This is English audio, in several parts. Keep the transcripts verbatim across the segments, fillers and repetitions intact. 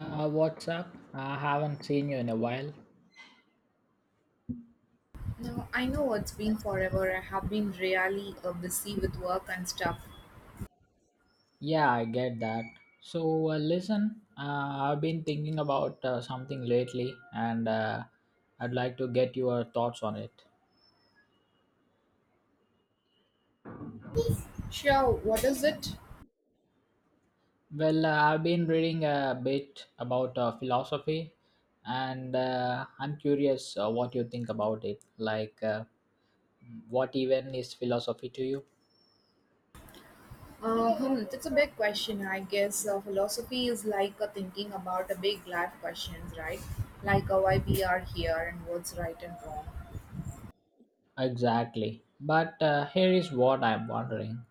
Uh, what's up? I haven't seen you in a while. Now, I know it's been forever. I have been really uh, busy with work and stuff. Yeah, I get that. So, uh, listen, uh, I've been thinking about uh, something lately and uh, I'd like to get your thoughts on it. Sure, what is it? Well, uh, I've been reading a bit about uh, philosophy and uh, I'm curious uh, what you think about it. Like, uh, what even is philosophy to you? Uh, hmm, that's a big question, I guess. Uh, philosophy is like uh, thinking about a big life questions, right? Like uh, why we are here and what's right and wrong. Exactly. But uh, here is what I'm wondering.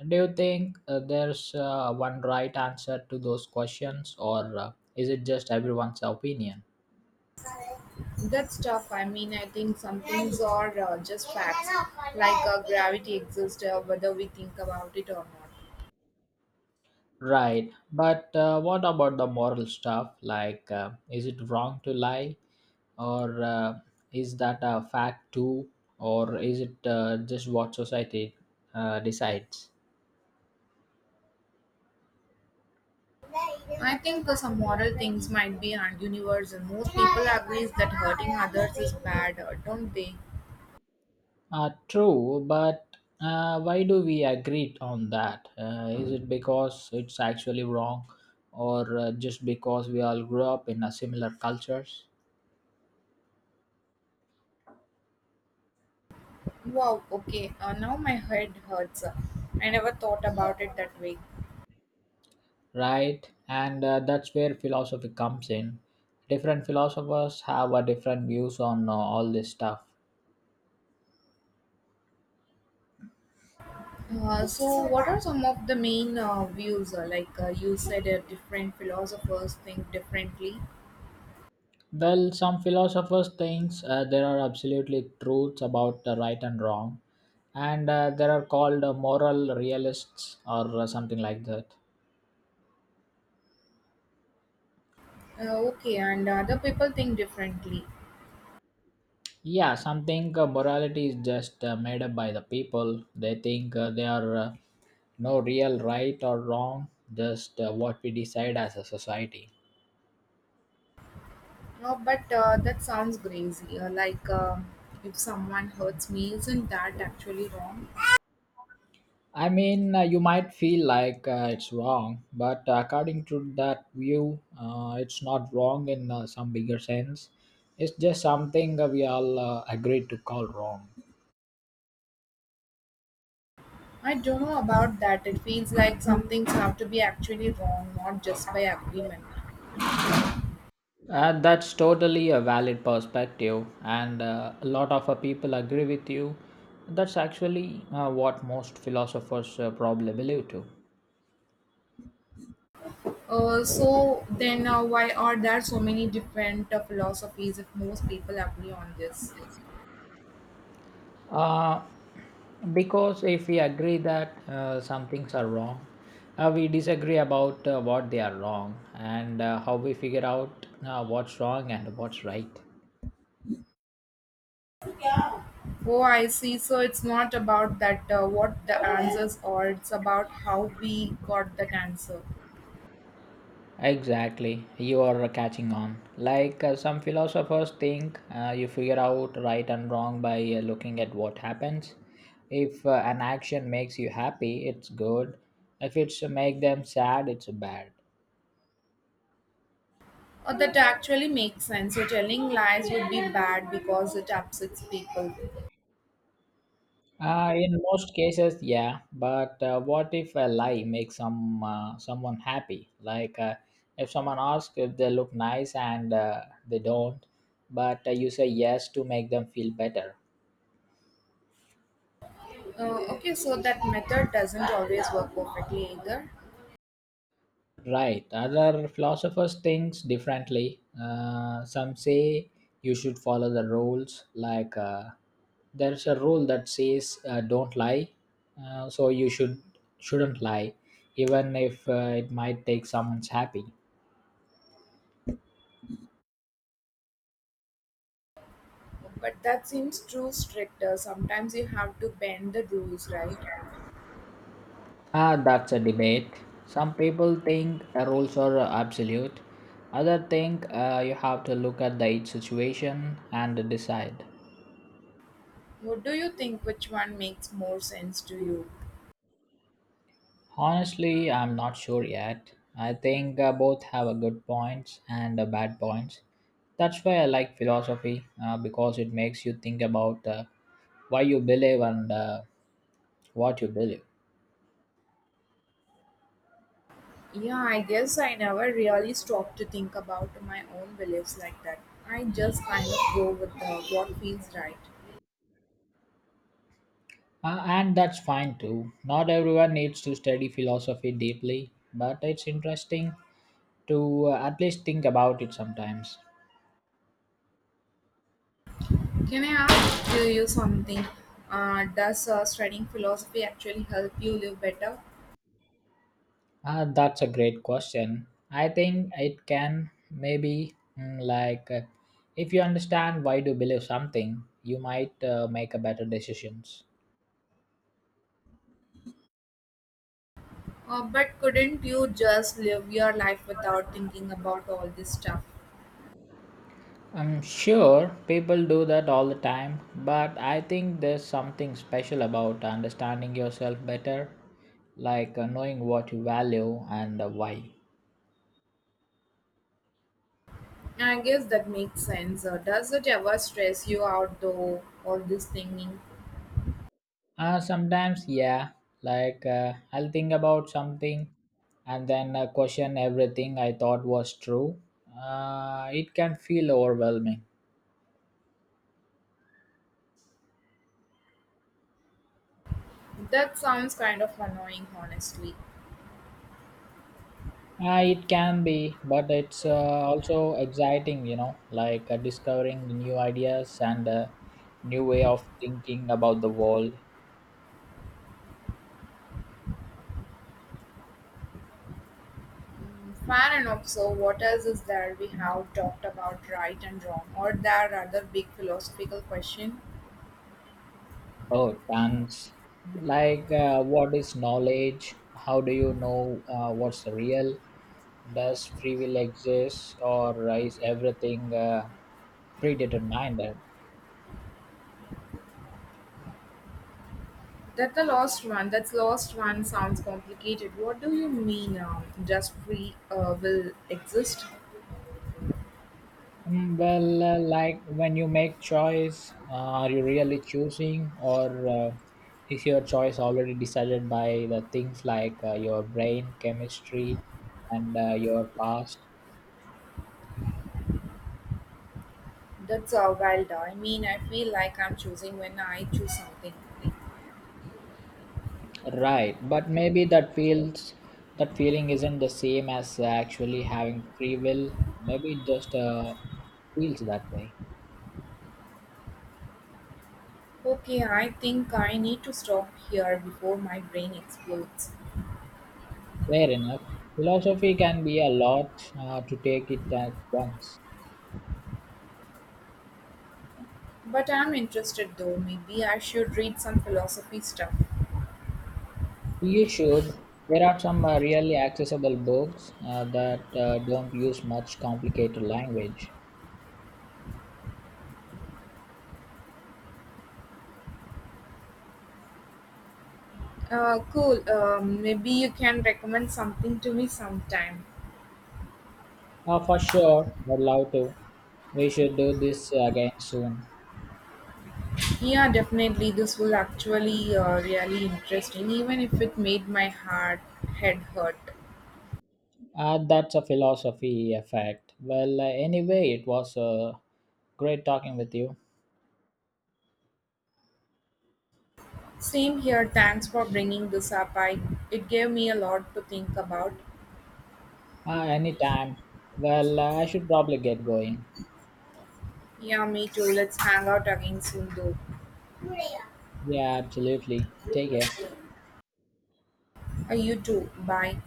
Do you think uh, there's uh, one right answer to those questions, or uh, is it just everyone's opinion? That's tough. I mean, I think some things are uh, just facts, like uh, gravity exists, uh, whether we think about it or not. Right, but uh, what about the moral stuff? Like, uh, is it wrong to lie, or uh, is that a fact too, or is it uh, just what society uh, decides? I think uh, some moral things might be and universal. Most people agree that hurting others is bad, uh, don't they? Uh, true, but uh, why do we agree on that? Uh, is it because it's actually wrong, or uh, just because we all grew up in a similar cultures, Wow, okay, uh, now my head hurts. I never thought about it that way. right? And uh, that's where philosophy comes in. Different philosophers have a different views on uh, all this stuff. Uh, so, what are some of the main uh, views? Uh, like uh, you said, uh, different philosophers think differently. Well, some philosophers think uh, there are absolutely truths about the right and wrong, and uh, there are called uh, moral realists or uh, something like that. Uh, okay, and other people think differently. Yeah, some think uh, morality is just uh, made up by the people. They think uh, they are uh, no real right or wrong, just uh, what we decide as a society. No, but uh, that sounds crazy. Uh, like, uh, if someone hurts me, isn't that actually wrong? I mean, uh, you might feel like uh, it's wrong, but uh, according to that view, uh, it's not wrong in uh, some bigger sense. It's just something uh, we all uh, agree to call wrong. I don't know about that. It feels like some things have to be actually wrong, not just by agreement. Uh, that's totally a valid perspective, and uh, a lot of uh, people agree with you. That's actually uh, what most philosophers uh, probably believe too. Uh, so then, uh, why are there so many different uh, philosophies if most people agree on this? Uh, because if we agree that uh, some things are wrong, uh, we disagree about uh, what they are wrong and uh, how we figure out uh, what's wrong and what's right. Oh, I see. So it's not about that uh, what the answers are. It's about how we got that answer. Exactly, you are catching on. Like uh, some philosophers think, uh, you figure out right and wrong by uh, looking at what happens. If uh, an action makes you happy, it's good. If it's make them sad, it's bad. Uh, that actually makes sense. So telling lies would be bad because it upsets people. Uh, in most cases, yeah. But uh, what if a lie makes some uh, someone happy? Like uh, if someone asks if they look nice and uh, they don't, but uh, you say yes to make them feel better. Uh, okay, so that method doesn't always work perfectly either. Right. Other philosophers thinks differently. Uh, some say you should follow the rules. Like uh, there's a rule that says uh, don't lie, uh, so you should shouldn't lie, even if uh, it might take someone's happy. But that seems too strict. uh, Sometimes you have to bend the rules, right? Ah, that's a debate. Some people think uh, rules are uh, absolute. Other think uh, you have to look at the each situation and decide. What do you think? Which one makes more sense to you? Honestly, I'm not sure yet. I think uh, both have a good points and uh, bad points. That's why I like philosophy uh, because it makes you think about uh, why you believe and uh, what you believe. Yeah, I guess I never really stopped to think about my own beliefs like that. I just kind of go with uh, what feels right. Uh, and that's fine too. Not everyone needs to study philosophy deeply, but it's interesting to uh, at least think about it sometimes. Can I ask you you something? Uh, does uh, studying philosophy actually help you live better? Ah, that's a great question. I think it can maybe mm, like uh, if you understand why do you believe something, you might uh, make a better decisions. Uh, but couldn't you just live your life without thinking about all this stuff? I'm sure people do that all the time, but I think there's something special about understanding yourself better, like uh, knowing what you value and uh, why. Yeah, I guess that makes sense. Uh, does it ever stress you out though, all this thinking? Uh, sometimes, yeah. Like, uh, I'll think about something and then uh, question everything I thought was true. Uh, it can feel overwhelming. That sounds kind of annoying, honestly. Uh, it can be, but it's uh, also exciting, you know, like uh, discovering the new ideas and uh, new way of thinking about the world. Mm, fair enough. So, what else is there? We have talked about right and wrong, or there are other big philosophical question? Oh, tons. Like, uh, what is knowledge? How do you know uh, what's real? Does free will exist, or is everything uh, predetermined. That the last one, That's last one sounds complicated. What do you mean? Um, just free uh, will exist? Mm, Well, uh, like when you make choice, uh, are you really choosing, or uh, is your choice already decided by the things like uh, your brain chemistry and uh, your past? That's uh, wild. I mean, I feel like I'm choosing when I choose something. Right, but maybe that feels that feeling isn't the same as actually having free will. Maybe it just uh, feels that way. Okay, I think I need to stop here before my brain explodes. Fair enough. Philosophy can be a lot uh, to take it at once. But I'm interested though. Maybe I should read some philosophy stuff. You should. There are some uh, really accessible books uh, that uh, don't use much complicated language. Uh, cool. Um, maybe you can recommend something to me sometime. Uh, for sure, I'd love to. We should do this again soon. Yeah, definitely. This will actually uh, really interesting, even if it made my heart head hurt. Uh, that's a philosophy effect. Well, uh, anyway, it was uh, great talking with you. Same here. Thanks for bringing this up. I It gave me a lot to think about. Uh, anytime. Well, uh, I should probably get going. Yeah, me too. Let's hang out again soon though. Yeah, absolutely. Take care. Uh, you too. Bye.